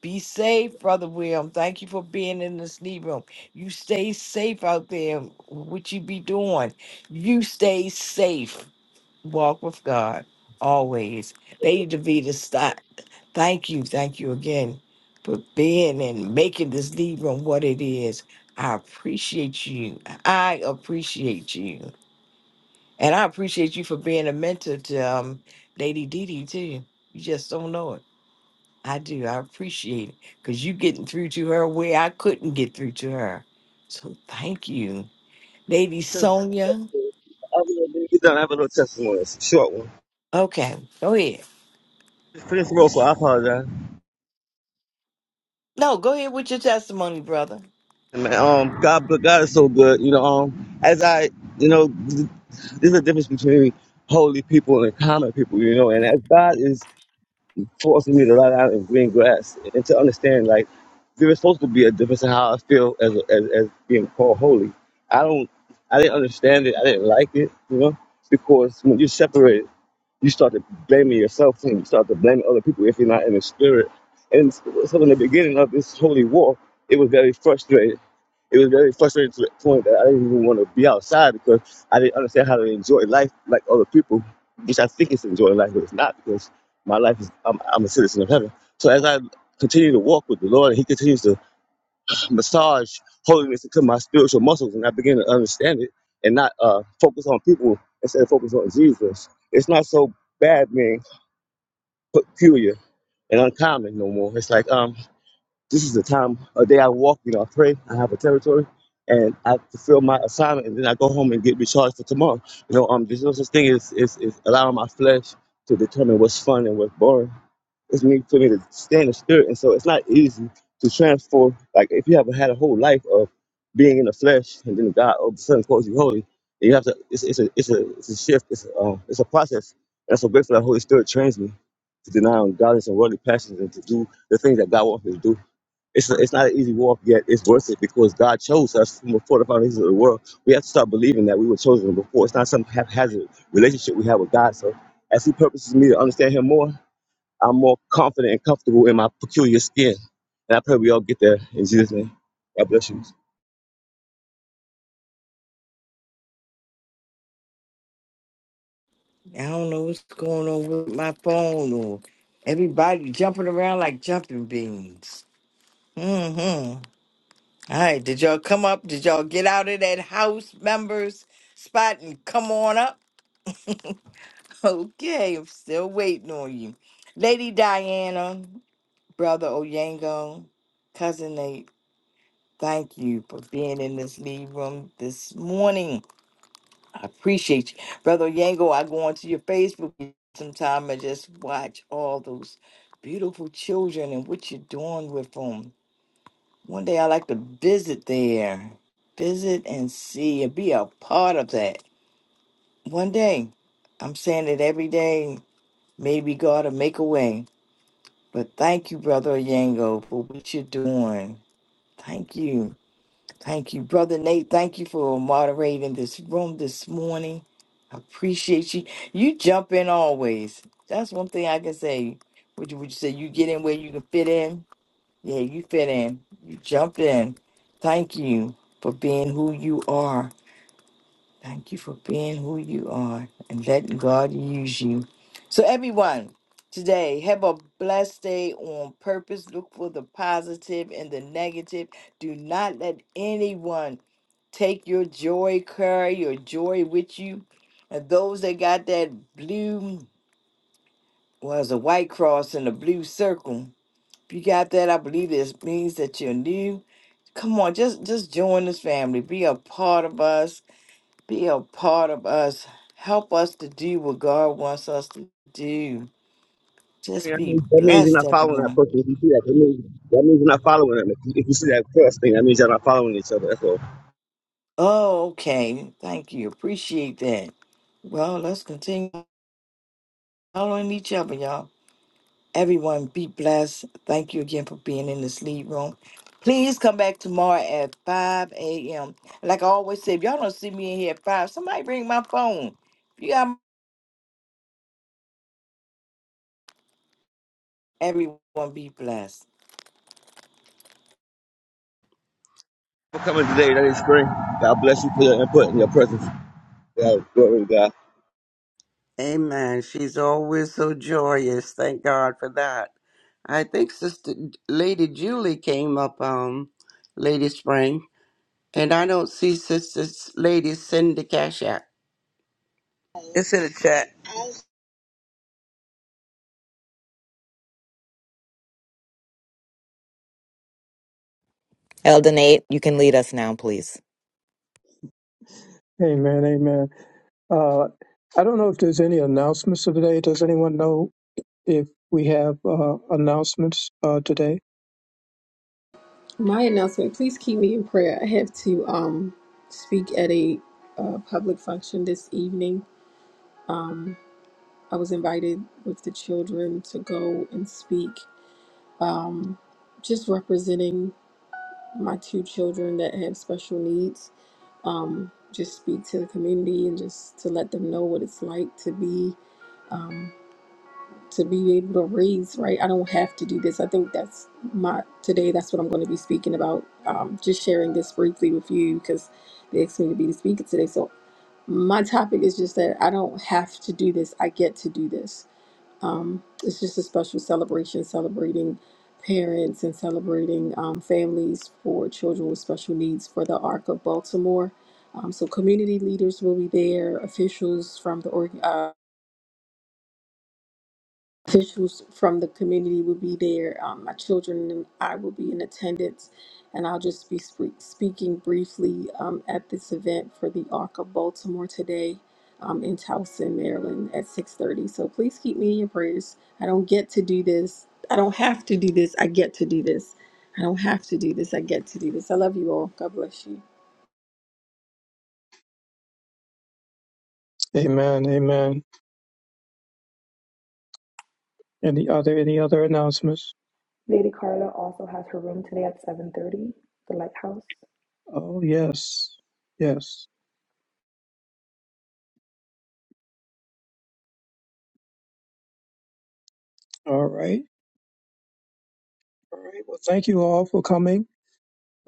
Speaker 9: Be safe, Brother William. Thank you for being in this knee room. You stay safe out there, what you be doing. You stay safe. Walk with God always. Lady Davita, stop. Thank you. Thank you again for being and making this knee room what it is. I appreciate you. I appreciate you. And I appreciate you for being a mentor to um, Lady Didi, too. You just don't know it. I do. I appreciate it because you getting through to her where I couldn't get through to her. So thank you, Lady
Speaker 3: Other
Speaker 9: Sonia.
Speaker 3: than that, You don't have a little testimony. It's a short one.
Speaker 9: Okay, go ahead.
Speaker 3: Finish the roll, so I apologize.
Speaker 9: No, go ahead with your testimony, brother.
Speaker 3: Man, um, God, but God is so good. You know, um, as I, you know, th- there's a difference between holy people and common people. You know, and as God is forcing me to ride out in green grass and to understand, like, there is supposed to be a difference in how I feel as as, as being called holy. I don't, I didn't understand it. I didn't like it. You know, because when you're separated, you start to blaming yourself and you start to blame other people if you're not in the spirit. And so in the beginning of this holy war, it was very frustrating it was very frustrating to the point that I didn't even want to be outside because I didn't understand how to enjoy life like other people, which I think is enjoying life, but it's not because my life is, I'm, I'm a citizen of heaven. So as I continue to walk with the Lord and He continues to massage holiness into my spiritual muscles and I begin to understand it and not uh, focus on people instead of focus on Jesus, it's not so bad being peculiar and uncommon no more. It's like, um, this is the time a day I walk, you know, I pray, I have a territory, and I fulfill my assignment, and then I go home and get recharged for tomorrow. You know, um, there's no such thing as is, is allowing my flesh to determine what's fun and what's boring. It's me for me to stay in the spirit, and so it's not easy to transform. Like if you haven't had a whole life of being in the flesh, and then God all of a sudden calls you holy, and you have to. It's, it's a it's a it's a shift. It's a, um, it's a process. And I'm so grateful that Holy Spirit trains me to deny ungodliness and worldly passions and to do the things that God wants me to do. It's, it's not an easy walk, yet it's worth it because God chose us from before the foundations of the world. We have to start believing that we were chosen before. It's not some haphazard relationship we have with God. So, as He purposes me to understand Him more, I'm more confident and comfortable in my peculiar skin. And I pray we all get there in Jesus' name. God bless you.
Speaker 9: I don't know what's going on with my phone or everybody jumping around like jumping beans. Mm-hmm. All right, did y'all come up? Did y'all get out of that house members spot and come on up? Okay, I'm still waiting on you. Lady Diana. Brother Oyango, Cousin Nate, thank you for being in this lead room this morning. I appreciate you. Brother Oyango, I go onto your Facebook sometime and just watch all those beautiful children and what you're doing with them. One day I like to visit there, visit and see and be a part of that. One day, I'm saying it every day, maybe God will make a way. But thank you, Brother Oyango, for what you're doing. Thank you. Thank you, Brother Nate. Thank you for moderating this room this morning. I appreciate you. You jump in always. That's one thing I can say. Would you, would you say you get in where you can fit in? Yeah, you fit in. You jump in. Thank you for being who you are. Thank you for being who you are and letting God use you. So, everyone, today, have a blessed day on purpose. Look for the positive and the negative. Do not let anyone Take your joy, carry your joy with you. And those that got that blue, well, it's a white cross and a blue circle. If you got that, I believe this means that you're new. Come on, just just join this family. Be a part of us. Be a part of us. Help us to do what God wants us to do. Just
Speaker 3: Yeah, That
Speaker 9: be
Speaker 3: means that means you're
Speaker 9: blessed,
Speaker 3: not following that
Speaker 9: everyone.
Speaker 3: person. If you see that, that means, that means you're not following them. If you, if you see that cross thing, that means you're not following each other. That's all.
Speaker 9: Oh, okay. Thank you. Appreciate that. Well, let's continue following each other, y'all. Everyone, be blessed. Thank you again for being in this lead room. Please come back tomorrow at 5 a.m. Like I always say, if y'all don't see me in here at 5, somebody bring my phone. If you got everyone, be blessed.
Speaker 3: For coming today, that is spring. God bless you for your input and your presence. Yeah, glory to God.
Speaker 11: Amen. She's always so joyous. Thank God for that. I think Sister Lady Julie came up, um, Lady Spring, and I don't see Sister Lady Cindy Cash App.
Speaker 4: It's in the chat.
Speaker 14: Eldenate, you can lead us now, please.
Speaker 1: Amen. Amen. Uh, I don't know if there's any announcements for today. Does anyone know if we have uh, announcements uh, today.
Speaker 7: My announcement, please keep me in prayer. I have to um speak at a uh, public function this evening. Um I was invited with the children to go and speak um just representing my two children that have special needs. Um, just speak to the community and just to let them know what it's like to be um, to be able to raise right. I don't have to do this. I think that's my today. That's what I'm going to be speaking about. Um, just sharing this briefly with you because they asked me to be the speaker today. So my topic is just that I don't have to do this. I get to do this um, it's just a special celebration celebrating parents and celebrating um, families for children with special needs for the Arc of Baltimore. Um, so community leaders will be there, officials from the org. uh, officials from the community will be there. Um, my children and I will be in attendance, and I'll just be sp- speaking briefly um, at this event for the ARC of Baltimore today um, in Towson, Maryland, at 6:30. So please keep me in your prayers. I don't get to do this. I don't have to do this. I get to do this. I don't have to do this. I get to do this. I love you all. God bless you.
Speaker 1: Amen. Amen. Any other any other announcements?
Speaker 15: Lady Carla also has her room today at 7:30, the lighthouse.
Speaker 1: Oh yes, yes. All right. All right. Well, thank you all for coming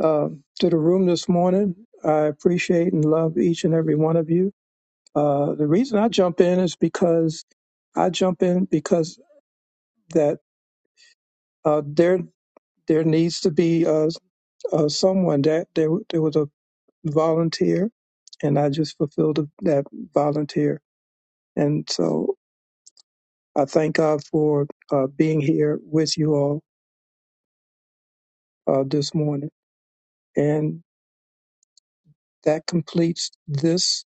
Speaker 1: uh, to the room this morning. I appreciate and love each and every one of you. Uh, the reason I jump in is because I jump in because that uh, there there needs to be uh, uh, someone that there there was a volunteer, and I just fulfilled that volunteer And so I thank God for uh, being here with you all uh, this morning. And that completes this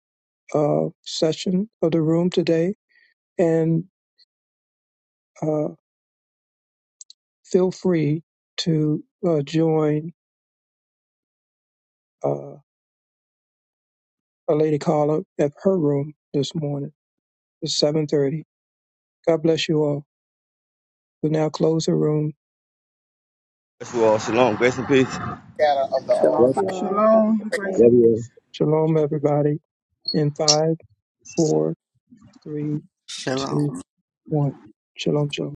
Speaker 1: uh, session of the room today. And uh, feel free to uh, join uh, a lady caller at her room this morning at 7.30. God bless you all. We'll now close the room.
Speaker 3: Bless you all. Shalom. Grace and peace.
Speaker 4: Shalom.
Speaker 3: Love
Speaker 15: Bless you
Speaker 3: you.
Speaker 15: all. Have a
Speaker 6: Shalom,
Speaker 15: blessed
Speaker 6: grace and
Speaker 3: Love
Speaker 15: day.
Speaker 3: you all.
Speaker 6: peace.
Speaker 1: Shalom, everybody, in five, four, three, two,
Speaker 11: Shalom.
Speaker 1: one. Shalom, shalom.